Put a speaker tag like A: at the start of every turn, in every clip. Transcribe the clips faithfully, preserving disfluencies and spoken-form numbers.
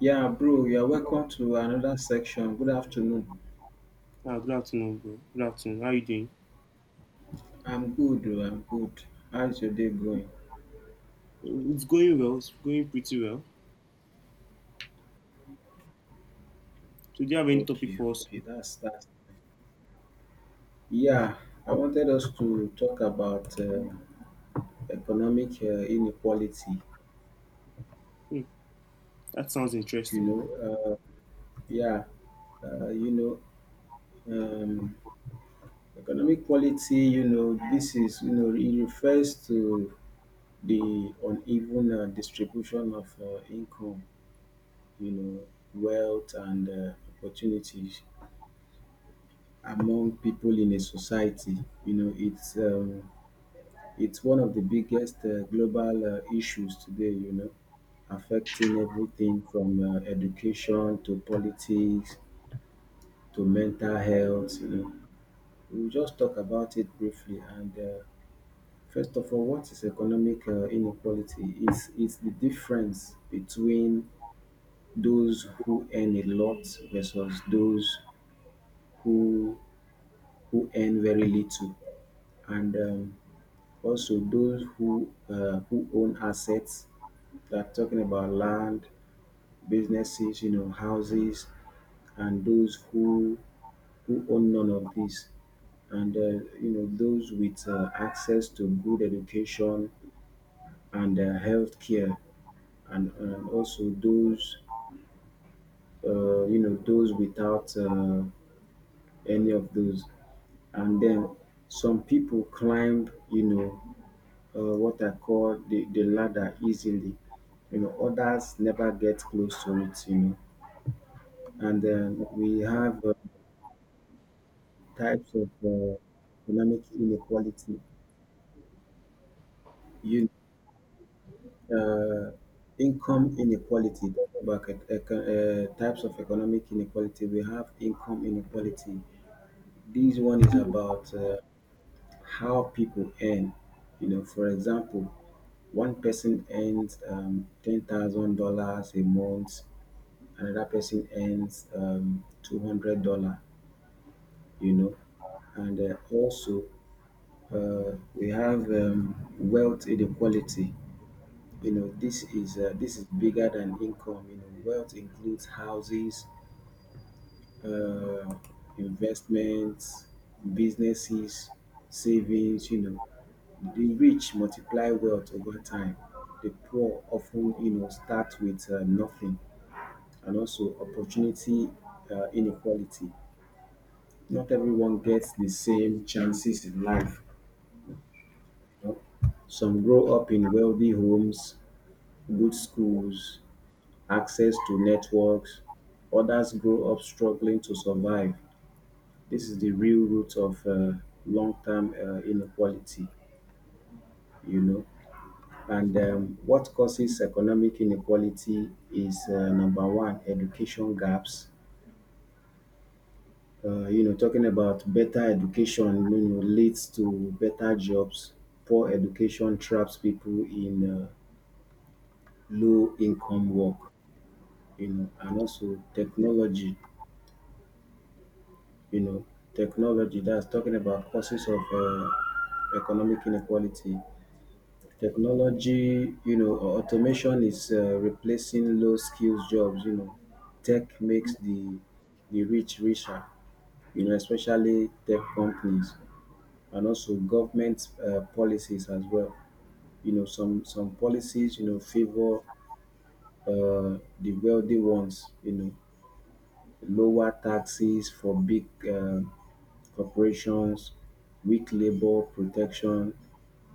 A: Yeah, bro, you're welcome to another section. Good afternoon.
B: Ah, good afternoon, bro. Good afternoon. How are you doing?
A: I'm good, oh, I'm good. How's your day going?
B: Uh, It's going well. It's going pretty well. So, do you have any topic
A: Okay,
B: for us?
A: okay, that's that. Yeah, I wanted us to talk about uh, economic uh, inequality.
B: Hmm, that sounds
A: You
B: interesting.
A: know, uh, yeah, uh, you know, um, Economic quality, You know, this is, you know it refers to the uneven uh, distribution of uh, income, You know, wealth and uh, opportunities among people in a society. You know, it's um, it's one of the biggest uh, global uh, issues today, You know, affecting everything from uh, education to politics to mental health. You know, we'll just talk about it briefly. And uh, First of all, what is economic uh, inequality? It's it's the difference between those who earn a lot versus those who who earn very little. And um, Also, those who uh, who own assets, that talking about land, businesses, you know, houses, and those who who own none of these, and uh, you know those with uh, access to good education and uh, health care, and, and also those, uh, you know those without uh, any of those, and then some people climb, you know uh, what I call the, the ladder, easily. You know, others never get close to it, you know. And then we have uh, types of uh, economic inequality. You, uh, income inequality, talking about ec- ec- uh, types of economic inequality, we have income inequality. This one is about uh, how people earn. You know, for example, one person earns um, ten thousand dollars a month, another person earns um, two hundred dollars. You know and uh, also, uh, we have um, wealth inequality. You know this is uh, this is bigger than income. You know wealth includes houses, uh, investments, businesses, savings. You know the rich multiply wealth over time, the poor often, you know start with uh, nothing, and also opportunity uh, inequality. Not everyone gets the same chances in life. you know. Some grow up in wealthy homes, good schools, access to networks. Others grow up struggling to survive. This is the real root of uh, long-term uh, inequality, you know. And um, What causes economic inequality is, uh, number one, education gaps, uh, you know, talking about better education. You know, leads to better jobs. Poor education traps people in uh, low income work, you know, and also technology, you know, technology, that's talking about causes of uh, economic inequality. Technology, you know, automation is uh, replacing low skills jobs, you know. Tech makes the the rich richer, you know, especially tech companies. And also government uh, policies as well. You know, some some policies, you know, favor uh, the wealthy ones. You know, lower taxes for big uh, corporations, weak labor protection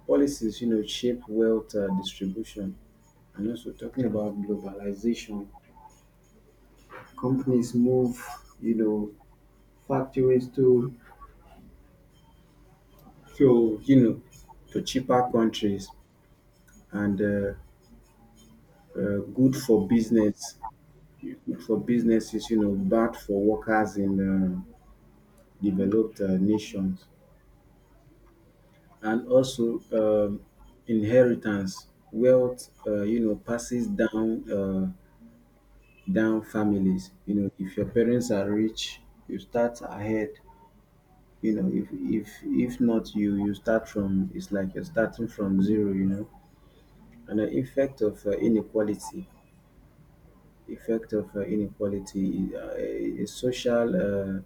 A: policies. You know, shape wealth uh, distribution, and also talking about globalization. Companies move, you know, factories to to you know to cheaper countries, and uh, uh, good for business good for businesses, you know, bad for workers in um, developed uh, nations, and also, um, inheritance, wealth, uh, you know, passes down uh, down families. You know, if your parents are rich, you start ahead. You know, if if if not, you you start from — it's like you're starting from zero, you know. And the effect of uh, inequality. Effect of uh, inequality, uh, a social uh,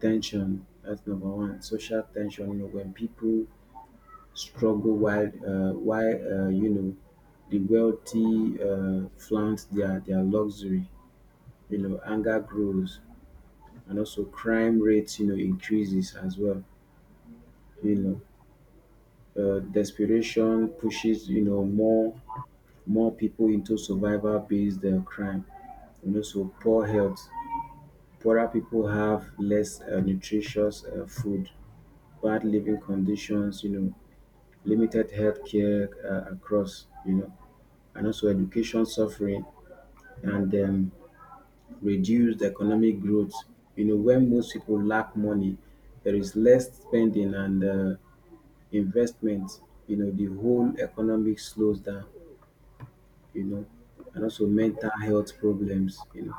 A: tension. That's number one. Social tension. You know, when people struggle while, uh, while uh, you know the wealthy uh, flaunt their their luxury. You know, anger grows, and also crime rates. You know, increases as well. You know, uh, desperation pushes, you know more more people into survival based uh, crime. And also poor health. Poorer people have less uh, nutritious uh, food, bad living conditions. You know, limited healthcare uh, across, you know, and also education suffering, and um, reduced economic growth. You know, when most people lack money, there is less spending and uh, investment. You know, the whole economic slows down, you know, and also mental health problems, you know.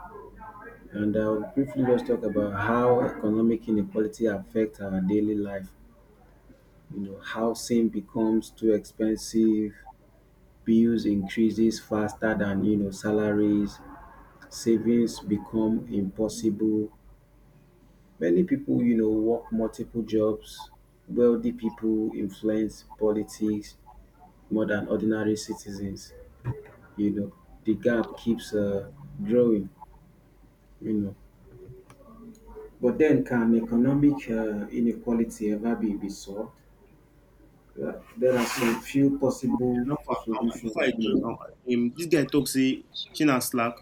A: And I'll briefly just talk about how economic inequality affects our daily life. You know, housing becomes too expensive, bills increases faster than, you know salaries, savings become impossible, many people, you know work multiple jobs, wealthy people influence politics more than ordinary citizens, you know. The gap keeps uh, growing, you know. But then, can economic uh, inequality ever be, be solved? Uh, there are some
B: Enough
A: few possible
B: uh, uh, before I
A: solutions, you know.
B: join, um, um, this guy talks say China slack.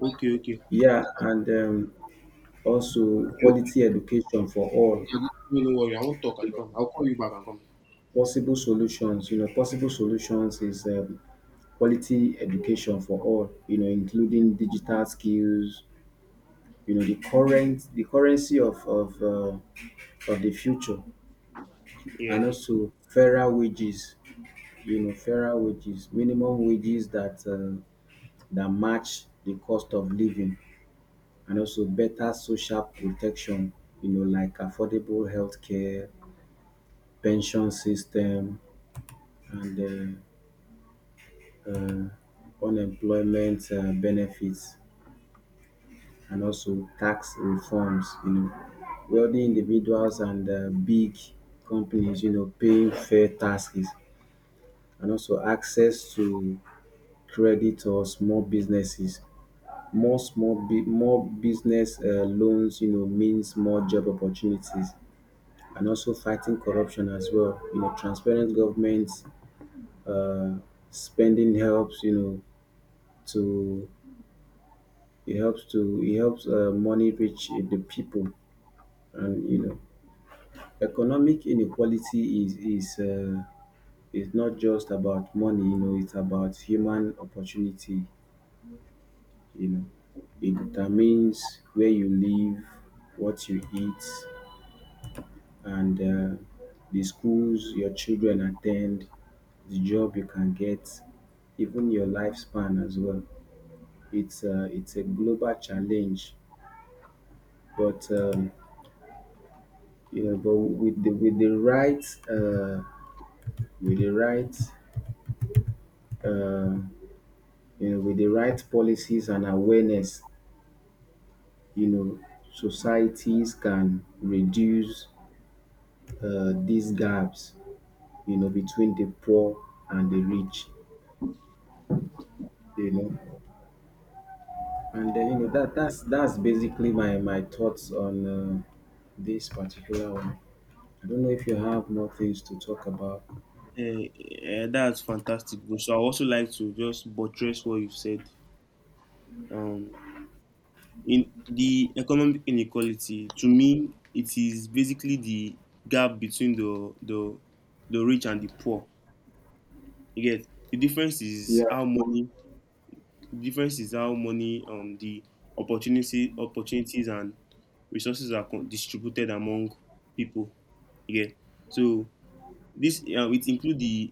B: Okay, okay, okay,
A: Yeah, and um, also
B: okay.
A: quality education for all.
B: Okay, no no worry. I won't talk. I'll come. I'll call you back and come.
A: Possible solutions, you know, possible solutions is, um, quality education for all, you know, including digital skills, you know, the current, the currency of of, uh, of the future, and
B: Yeah,
A: also fairer wages, you know, fairer wages, minimum wages that, uh, that match the cost of living, and also better social protection, you know, like affordable healthcare, pension system, and uh, uh, unemployment uh, benefits, and also tax reforms, you know. Wealthy individuals and uh, big companies, you know, paying fair taxes, and also access to credit or small businesses. More small, bu- more business uh, loans, you know, means more job opportunities, and also fighting corruption as well. You know, transparent governments, uh, spending helps, you know, to It helps to it helps uh, money reach the people, and you know, economic inequality is is uh, is not just about money. You know, it's about human opportunity. You know, it determines where you live, what you eat, and uh, the schools your children attend, the job you can get, even your lifespan as well. It's a, it's a global challenge, but um, you know, but with the with the right uh, with the right uh, you know with the right policies and awareness, you know, societies can reduce uh, these gaps, you know, between the poor and the rich, you know. And then, you know that that's that's basically my my thoughts on uh, this particular one. I don't know if you have more things to talk about.
B: uh, uh, that's fantastic, bro. So I also like to just buttress what you've said. Um, in the economic inequality, to me it is basically the gap between the the the rich and the poor, you get. The difference is
A: Yeah,
B: how money, the difference is how money, um the opportunity opportunities and resources are con- distributed among people, you get. So this um, it include the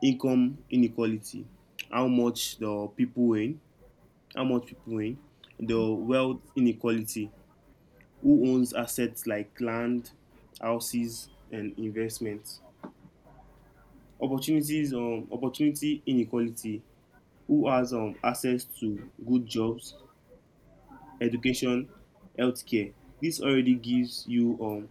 B: income inequality, how much the people earn, how much people earn, the wealth inequality, who owns assets like land, houses, and investments. Opportunities um, opportunity inequality, who has um, access to good jobs, education, healthcare. This already gives you um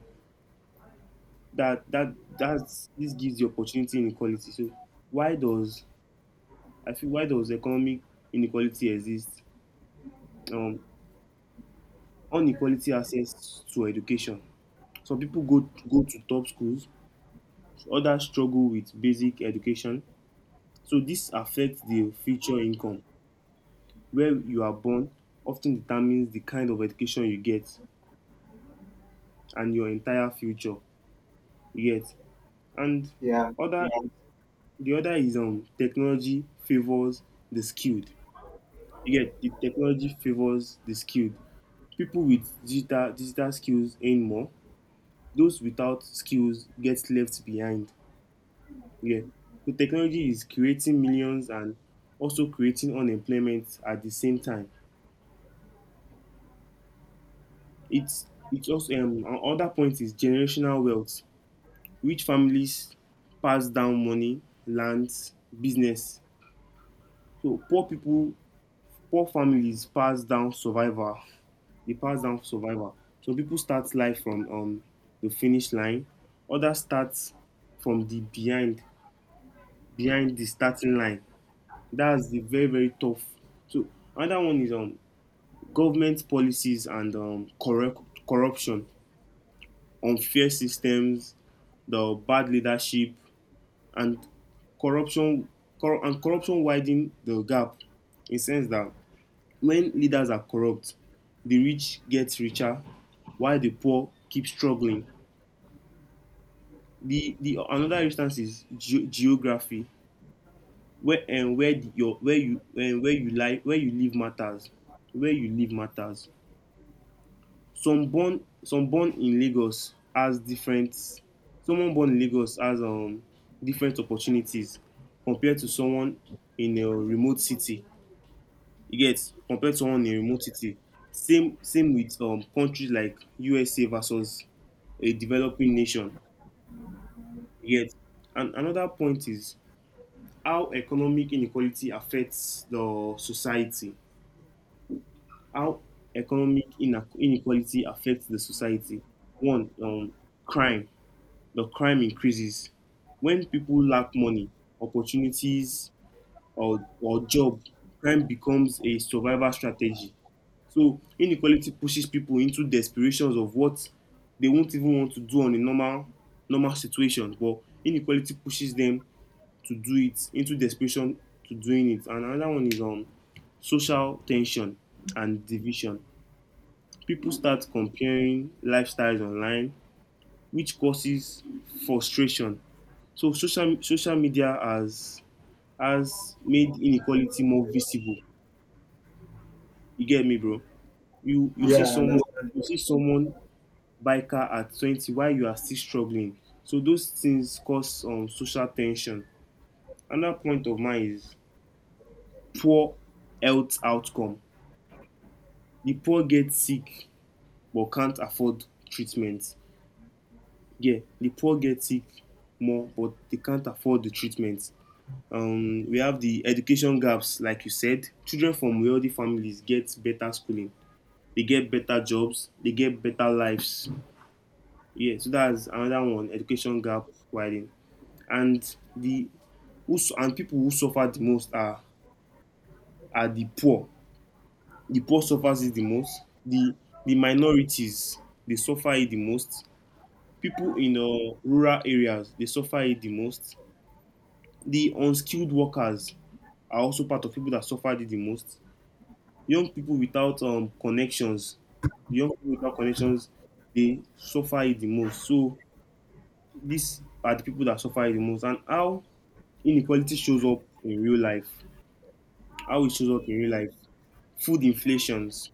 B: that that that's this gives the opportunity inequality. So why does I feel why does economic inequality exist? Um, Unequality access to education. Some people go go to top schools, others struggle with basic education. So this affects the future income. Where you are born often determines the kind of education you get and your entire future, you get. And other yeah, the other is um technology favors the skilled. You get, the technology favors the skilled. People with digital digital skills earn more. Those without skills get left behind. Yeah. So technology is creating millions and also creating unemployment at the same time. It's it's also, um, another point is generational wealth. Rich families pass down money, lands, business. So poor people, poor families pass down survival. They pass down survival. Some people start life from um the finish line. Others start from the behind behind the starting line. That's the very very tough. So another one is um government policies and um corrupt corruption, unfair systems, the bad leadership, and corruption cor- and corruption widen the gap, in sense that when leaders are corrupt, the rich get richer while the poor keep struggling. The the another instance is ge- geography, where and where the, your where you and where you live, where you live matters, where you live matters. Some born some born in Lagos has different, someone born in Lagos has um different opportunities compared to someone in a remote city. You get, compared to someone in a remote city. Same same with um countries like U S A versus a developing nation, you get. And another point is how economic inequality affects the society. How economic ine- inequality affects the society. One, um crime, the crime increases. When people lack money, opportunities, or, or job, crime becomes a survival strategy. So inequality pushes people into desperations of what they won't even want to do on a normal normal situation, but inequality pushes them to do it, into desperation to doing it. And another one is um social tension and division. People start comparing lifestyles online, which causes frustration. So social social media has has made inequality more visible. You get me, bro? You you
A: yeah,
B: see
A: I
B: someone,
A: understand.
B: you see someone buy car at twenty while you are still struggling. So those things cause um social tension. Another point of mine is poor health outcome. The poor get sick but can't afford treatment. Yeah, the poor get sick more but they can't afford the treatment. Um, we have the education gaps, like you said. Children from wealthy families get better schooling. They get better jobs. They get better lives. Yeah, so that's another one. Education gap widening, and the who su- and people who suffer the most are are the poor. The poor suffers it the most. The the minorities, they suffer it the most. People in uh, rural areas, they suffer it the most. The unskilled workers are also part of people that suffer it the most. young people without um connections young people without connections, they suffer it the most. So these are the people that suffer it the most. And how inequality shows up in real life, how it shows up in real life: food inflations,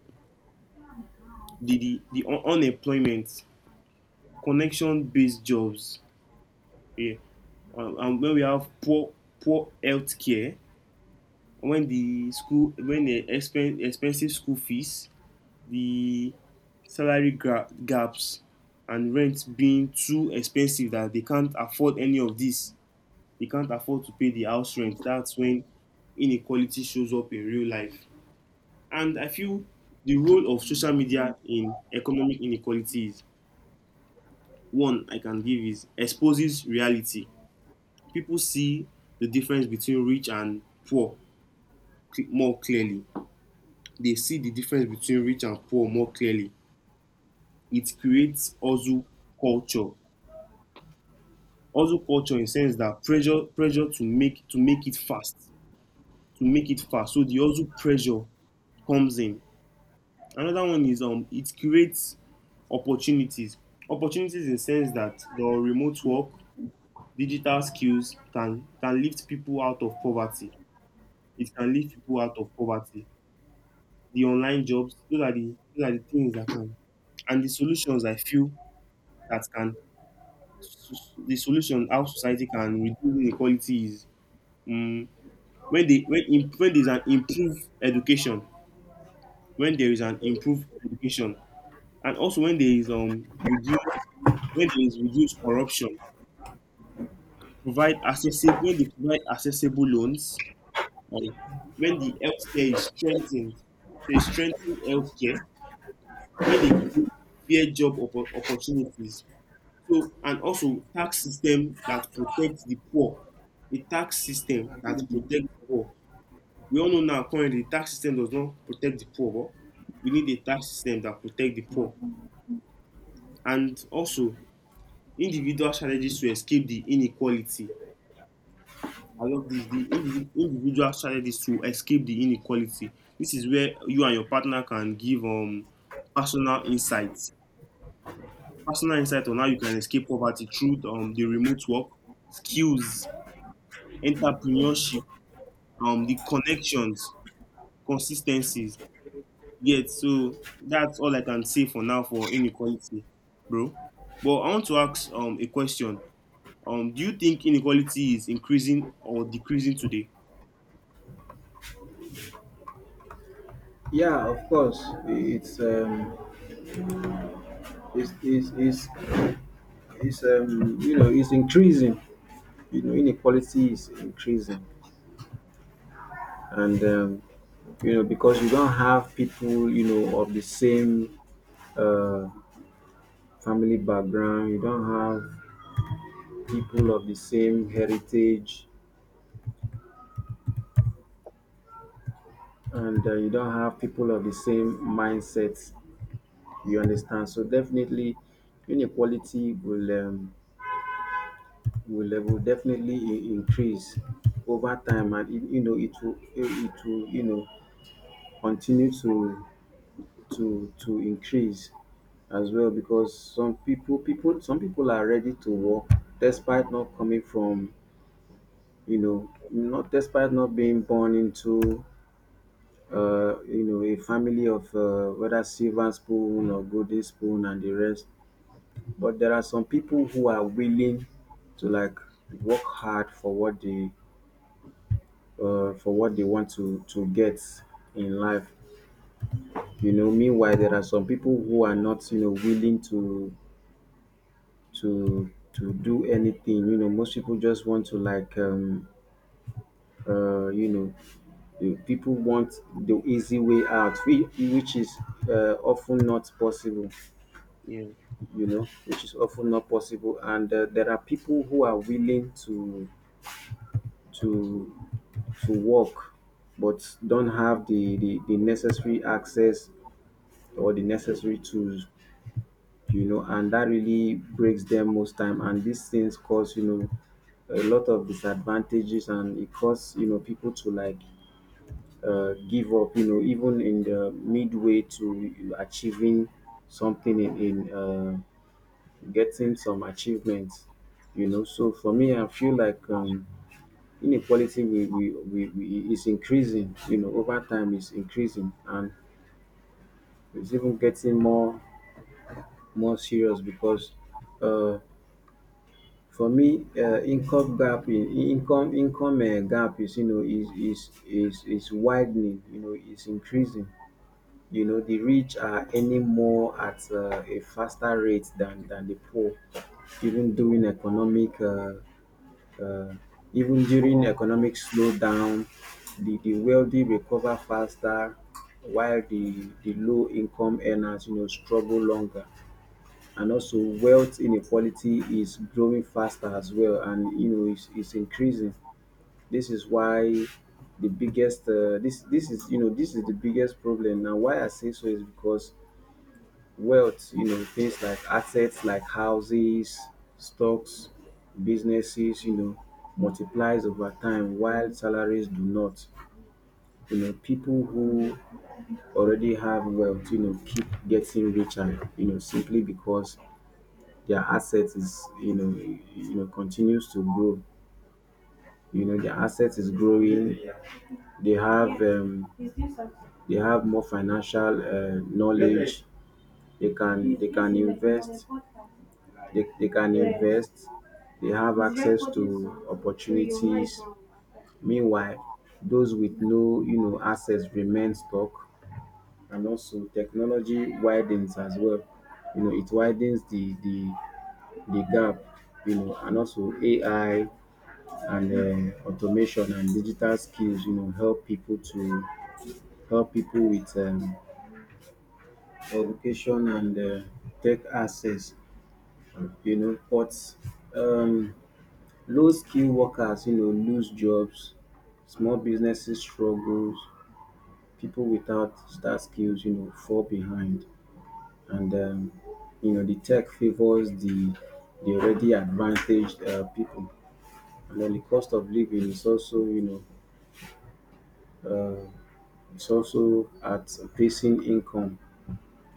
B: the the, the un- unemployment, connection based jobs, yeah. And, and when we have poor poor health care, when the school when the expen- expensive school fees, the salary gra- gaps, and rent being too expensive that they can't afford any of this, they can't afford to pay the house rent, that's when inequality shows up in real life. And I feel the role of social media in economic inequality is one I can give: is exposes reality, people see the difference between rich and poor cl- more clearly, they see the difference between rich and poor more clearly. It creates also culture, hustle culture, in sense that pressure pressure to make to make it fast, to make it fast. So the hustle pressure comes in. Another one is um it creates opportunities, opportunities in sense that your remote work, digital skills can can lift people out of poverty, it can lift people out of poverty, the online jobs, those are the those are the things that can. And the solutions I feel that can, the solution how society can reduce inequality is um, when they when im- when there is an improved education, when there is an improved education, and also when there is um reduced when there is reduced corruption, provide accessible when they provide accessible loans, um, when the healthcare is strengthened, so it's strengthened healthcare, when they create fair job oppo- opportunities, so and also tax system that protects the poor, a tax system that protects the poor. We all know now currently the tax system does not protect the poor, but we need a tax system that protect the poor. And also individual strategies to escape the inequality. I love this. The indi- individual strategies to escape the inequality. This is where you and your partner can give um personal insights. Personal insight on how you can escape poverty through um, the remote work, skills, entrepreneurship, um, the connections, consistencies. Yet, so that's all I can say for now for inequality, bro. But I want to ask um a question. Um, do you think inequality is increasing or decreasing today?
A: Yeah, of course. It's um, it's, it's, it's It's um, you know, it's increasing. You know, inequality is increasing, and um, you know, because you don't have people, you know, of the same uh, family background. You don't have people of the same heritage, and uh, you don't have people of the same mindset. You understand? So definitely, inequality will um, will, uh, will definitely i- increase over time, and it, you know, it will it will you know continue to to to increase as well, because some people people some people are ready to work, despite not coming from, you know, not despite not being born into uh you know a family of, uh, whether silver spoon or golden spoon and the rest. But there are some people who are willing to, like, work hard for what they, uh, for what they want to to get in life, you know. Meanwhile, there are some people who are not, you know, willing to to to do anything. You know, most people just want to, like, um uh you know, the people want the easy way out, whi- which is, uh, often not possible.
B: Yeah.
A: You know, which is often not possible, and uh, there are people who are willing to to to work but don't have the, the, the necessary access or the necessary tools, you know, and that really breaks them most time, and these things cause, you know, a lot of disadvantages, and it caused, you know, people to, like, uh, give up, you know, even in the midway to achieving something in, in uh, getting some achievements, you know. So for me, I feel like, um, inequality, we, we, we, we is increasing, you know, over time, is increasing, and it's even getting more more serious because, uh, for me, uh, income gap, in- income income uh, gap is, you know, is is is is widening. You know, is increasing. You know, the rich are earning more at uh, a faster rate than than the poor, even during economic, uh, uh, even during economic slowdown. The the wealthy recover faster, while the the low income earners, you know, struggle longer, and also wealth inequality is growing faster as well, and you know, it's, it's increasing. This is why the biggest, uh, this this is, you know, this is the biggest problem now. Why I say so is because wealth, you know, things like assets, like houses, stocks, businesses, you know, multiplies over time while salaries do not. You know, people who already have wealth, you know, keep getting richer, you know, simply because their asset is, you know you know continues to grow. You know, their asset is growing. They have, um, they have more financial uh, knowledge. They can they can invest. They, they can invest. They have access to opportunities. Meanwhile, those with no, you know, assets remain stuck, and also technology widens as well. You know, it widens the the the gap. You know and also A I and um, automation and digital skills you know help people to help people with um, education and uh, tech access you know but um, low skill workers you know lose jobs, small businesses struggles, people without star skills you know fall behind, and um, you know the tech favors the the already advantaged uh, people. And then the cost of living is also, you know uh, it's also at facing income.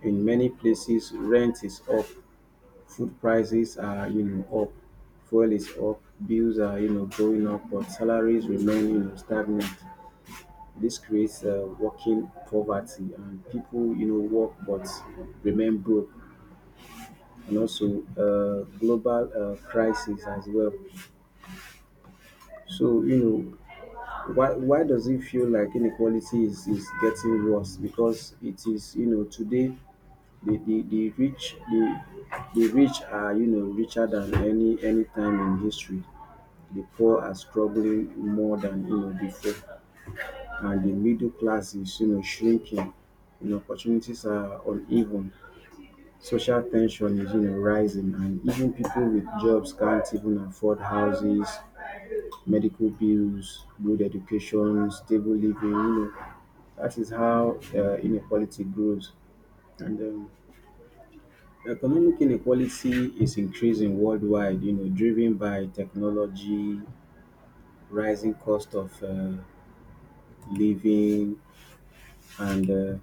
A: In many places, rent is up, food prices are you know up, fuel is up, bills are you know going up, but salaries remain you know stagnant. This creates uh, working poverty, and people you know work but remain broke, and also uh, global uh, crisis as well. So, you know why why does it feel like inequality is is getting worse? Because it is, you know today, the the the rich, the the rich are you know richer than any any time in history. The poor are struggling more than you know before, and the middle class is you know shrinking. You know, opportunities are uneven. Social tension is you know rising, and even people with jobs can't even afford houses, medical bills, good education, stable living. You know, that is how uh, inequality grows. And um, Economic inequality is increasing worldwide, you know, driven by technology, rising cost of uh, living, and uh,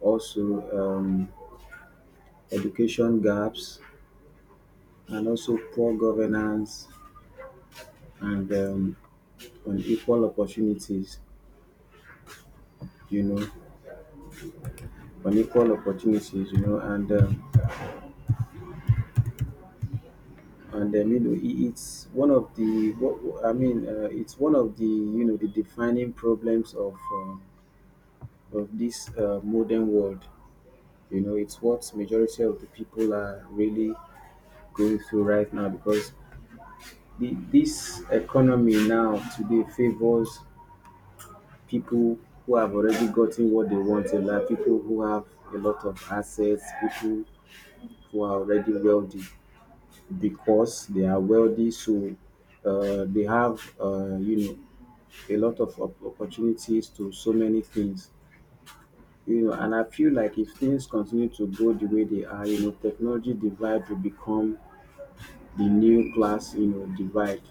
A: also um, education gaps, and also poor governance and um, unequal opportunities. You know, Unequal opportunities. You know, and um, and um, you know, it- it's one of the, what I mean, Uh, it's one of the you know the defining problems of uh, of this uh, modern world. You know, it's what majority of the people are really going through right now because the, this economy now today favors people who have already gotten what they want in life, people who have a lot of assets, people who are already wealthy because they are wealthy, so uh, they have uh, you know a lot of op- opportunities to so many things you know and I feel like if things continue to go the way they are, you know technology divide will become the new class you know divide.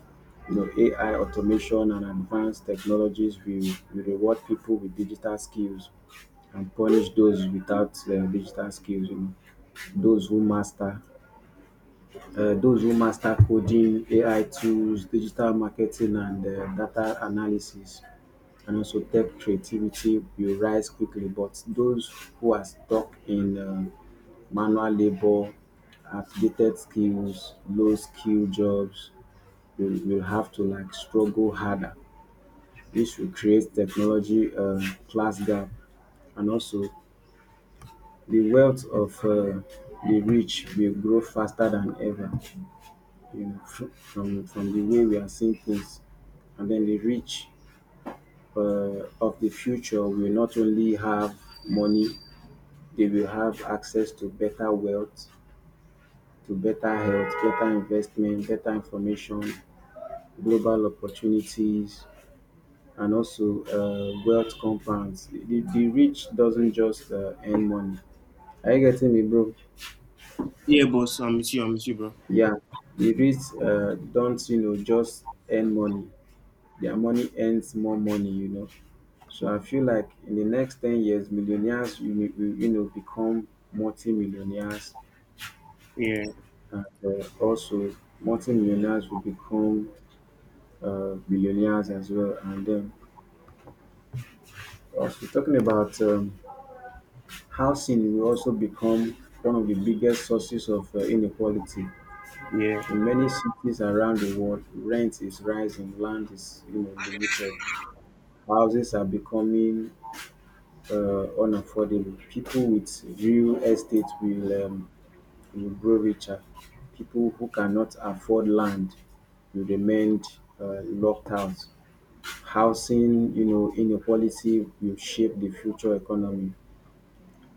A: you know AI automation and advanced technologies will, will reward people with digital skills and punish those without uh, digital skills. You know those who master uh, those who master coding, AI tools, digital marketing, and uh, data analysis, and also tech creativity will rise quickly, but those who are stuck in uh, manual labor, outdated skills, low skill jobs, we will have to like struggle harder. This will create technology uh, class gap, and also the wealth of uh, the rich will grow faster than ever. You know, fr- from from the way we are seeing things, and then the rich, uh, of the future, will not only have money. They will have access to better wealth, to better health, better investment, better information, global opportunities, and also uh, wealth compounds. The, the rich doesn't just uh, earn money. Are you getting me, bro?
B: Yeah, boss. I'm with you. I'm with you, bro.
A: Yeah, the rich uh, don't, you know, just earn money. Their money earns more money, you know. So I feel like in the next ten years, millionaires, you know, will, you know, become multi-millionaires,
B: Yeah,
A: and uh, also multi-millionaires will become uh, millionaires as well. And then also talking about um, housing will also become one of the biggest sources of uh, inequality.
B: yeah,
A: In many cities around the world, rent is rising, land is you know, limited, houses are becoming uh, unaffordable. People with real estate will, um, will grow richer. People who cannot afford land will remain uh, locked out. Housing, you know, inequality will shape the future economy.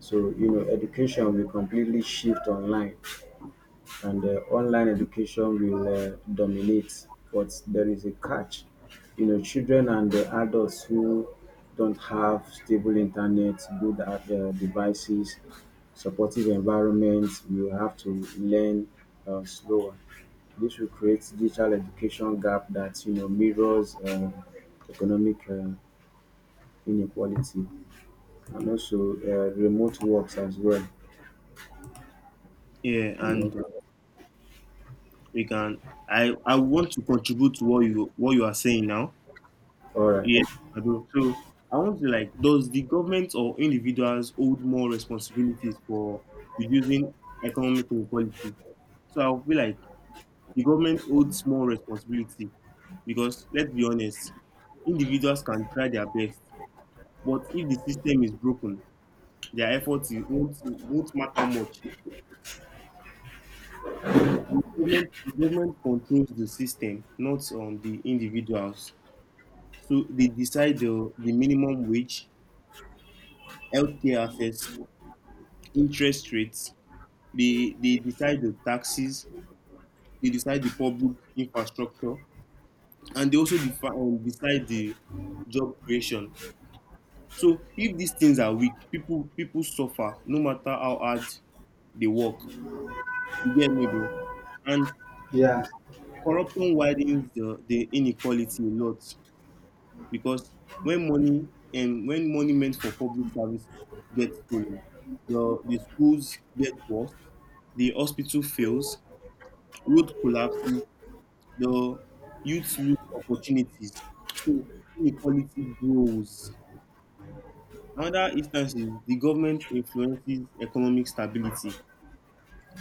A: So, you know, education will completely shift online, and uh, online education will uh, dominate. But there is a catch. You know, children and uh, adults who don't have stable internet, good at uh, devices, supportive environments will have to learn uh, slower. This will create digital education gap that you know mirrors uh, economic uh, inequality, and also uh, remote works as well.
B: yeah.
A: You
B: And
A: know,
B: uh, we can. I I want to contribute to what you what you are saying now.
A: all right.
B: Yeah, I do. So I want to like, does the government or individuals hold more responsibilities for reducing economic inequality? So I feel like the government holds more responsibility, because let's be honest, individuals can try their best, but if the system is broken, their efforts is- won't, won't matter much. The, the, government, the government controls the system, not um, the individuals. So they decide the, the minimum wage, healthcare access, interest rates, they, they decide the taxes, they decide the public infrastructure, and they also defi- um, decide the job creation. So if these things are weak, people people suffer no matter how hard they work. You get me, bro? And
A: Yeah.
B: corruption widens the, the inequality a lot, because when money and when money meant for public service gets stolen, the the schools get worse, the hospital fails, road collapses, the youth lose opportunities. So inequality grows. Another instance is the government influences economic stability.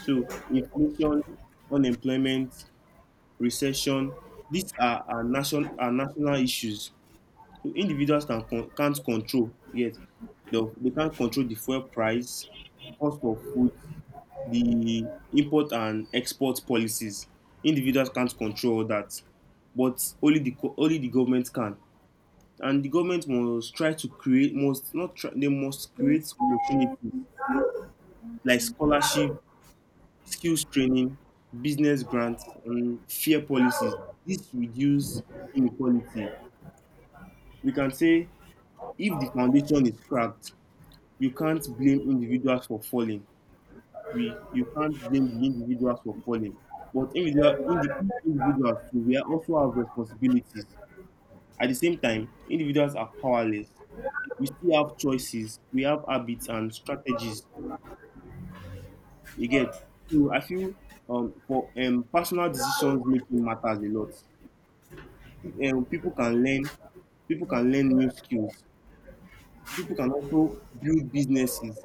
B: So inflation, unemployment, recession, these are, are, nation, are national issues. So individuals can, con- can't control yet. They, they can't control the fuel price, cost of food, the import and export policies. Individuals can't control all that, but only the co- only the government can. And the government must try to create must not try, they must create opportunities like scholarship, skills training, business grants, and fair policies. This reduce inequality. We can say if the foundation is cracked, you can't blame individuals for falling. We You can't blame the individuals for falling. But individual, indi- individuals too, we also have responsibilities. At the same time, individuals are powerless. We still have choices. We have habits and strategies. You get, so I feel um for um personal decisions making matters a lot. Um, people can learn, people can learn new skills. People can also build businesses.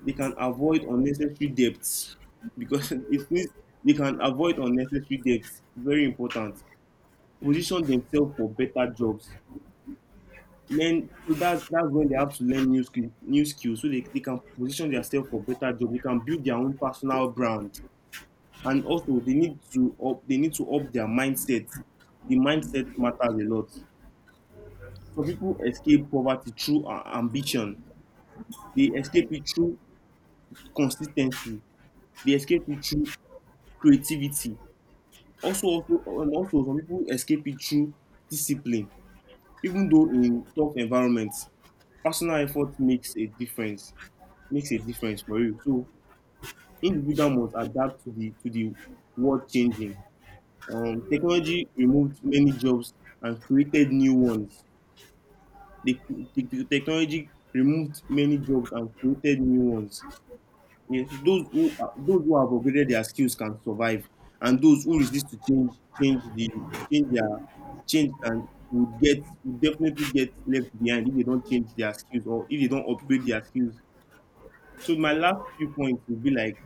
B: They can avoid unnecessary debts, because it means they can avoid unnecessary debts. Very important. Position themselves for better jobs. Learn, so that's that's when they have to learn new skills, new skills, so they, they can position themselves for better jobs. They can build their own personal brand. And also they need to up they need to up their mindset, the mindset matters a lot. So people escape poverty through uh, ambition, they escape it through consistency, they escape it through creativity, also also and also some people escape it through discipline. Even though in tough environments, personal effort makes a difference, makes a difference for you. So individual must adapt to the to the world changing. Um, technology removed many jobs and created new ones. The, cre- the, the technology removed many jobs and created new ones. Yes, those who are, those who have upgraded their skills can survive, and those who resist to change, change the change their change can would, get would definitely get left behind if they don't change their skills or if they don't upgrade their skills. So my last few points would be like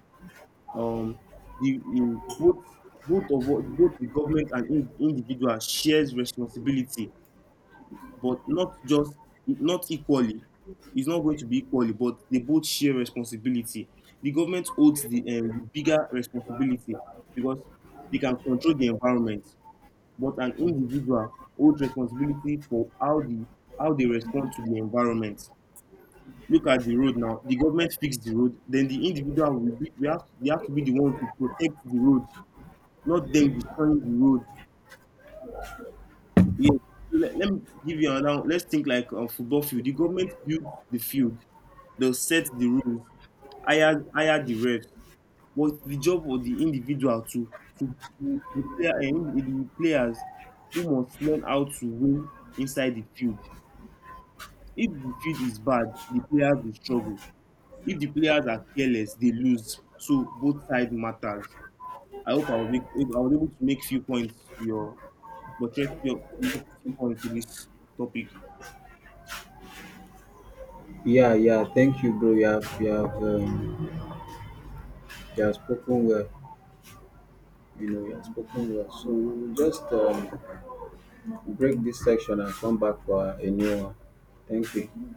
B: um the in both, both of us- both the government and in, individual shares responsibility, but not just, not equally, it's not going to be equally, but they both share responsibility. The government holds the um, bigger responsibility because they can control the environment, but an individual holds responsibility for how the how they respond to the environment. Look at the road, now the government fix the road, then the individual will be we have they have to be the one to protect the road, not them destroying the road. Yes. So let, let me give you another one. Let's think like a football field. The government builds the field. They'll set the rules, hire hire the refs. But it's the job of the individual to to the player and the players who must learn how to win inside the field. If the field is bad, the players will struggle. If the players are careless, they lose. So both sides matters. I hope I was, make, I was able to make few points to your, but yes, you're focusing on to this topic.
A: Yeah, yeah. Thank you, bro. You have, you have, um, you have spoken well. You know, you have spoken well. So we'll just um, break this section and come back for a new one. Thank
B: Okay.
A: you.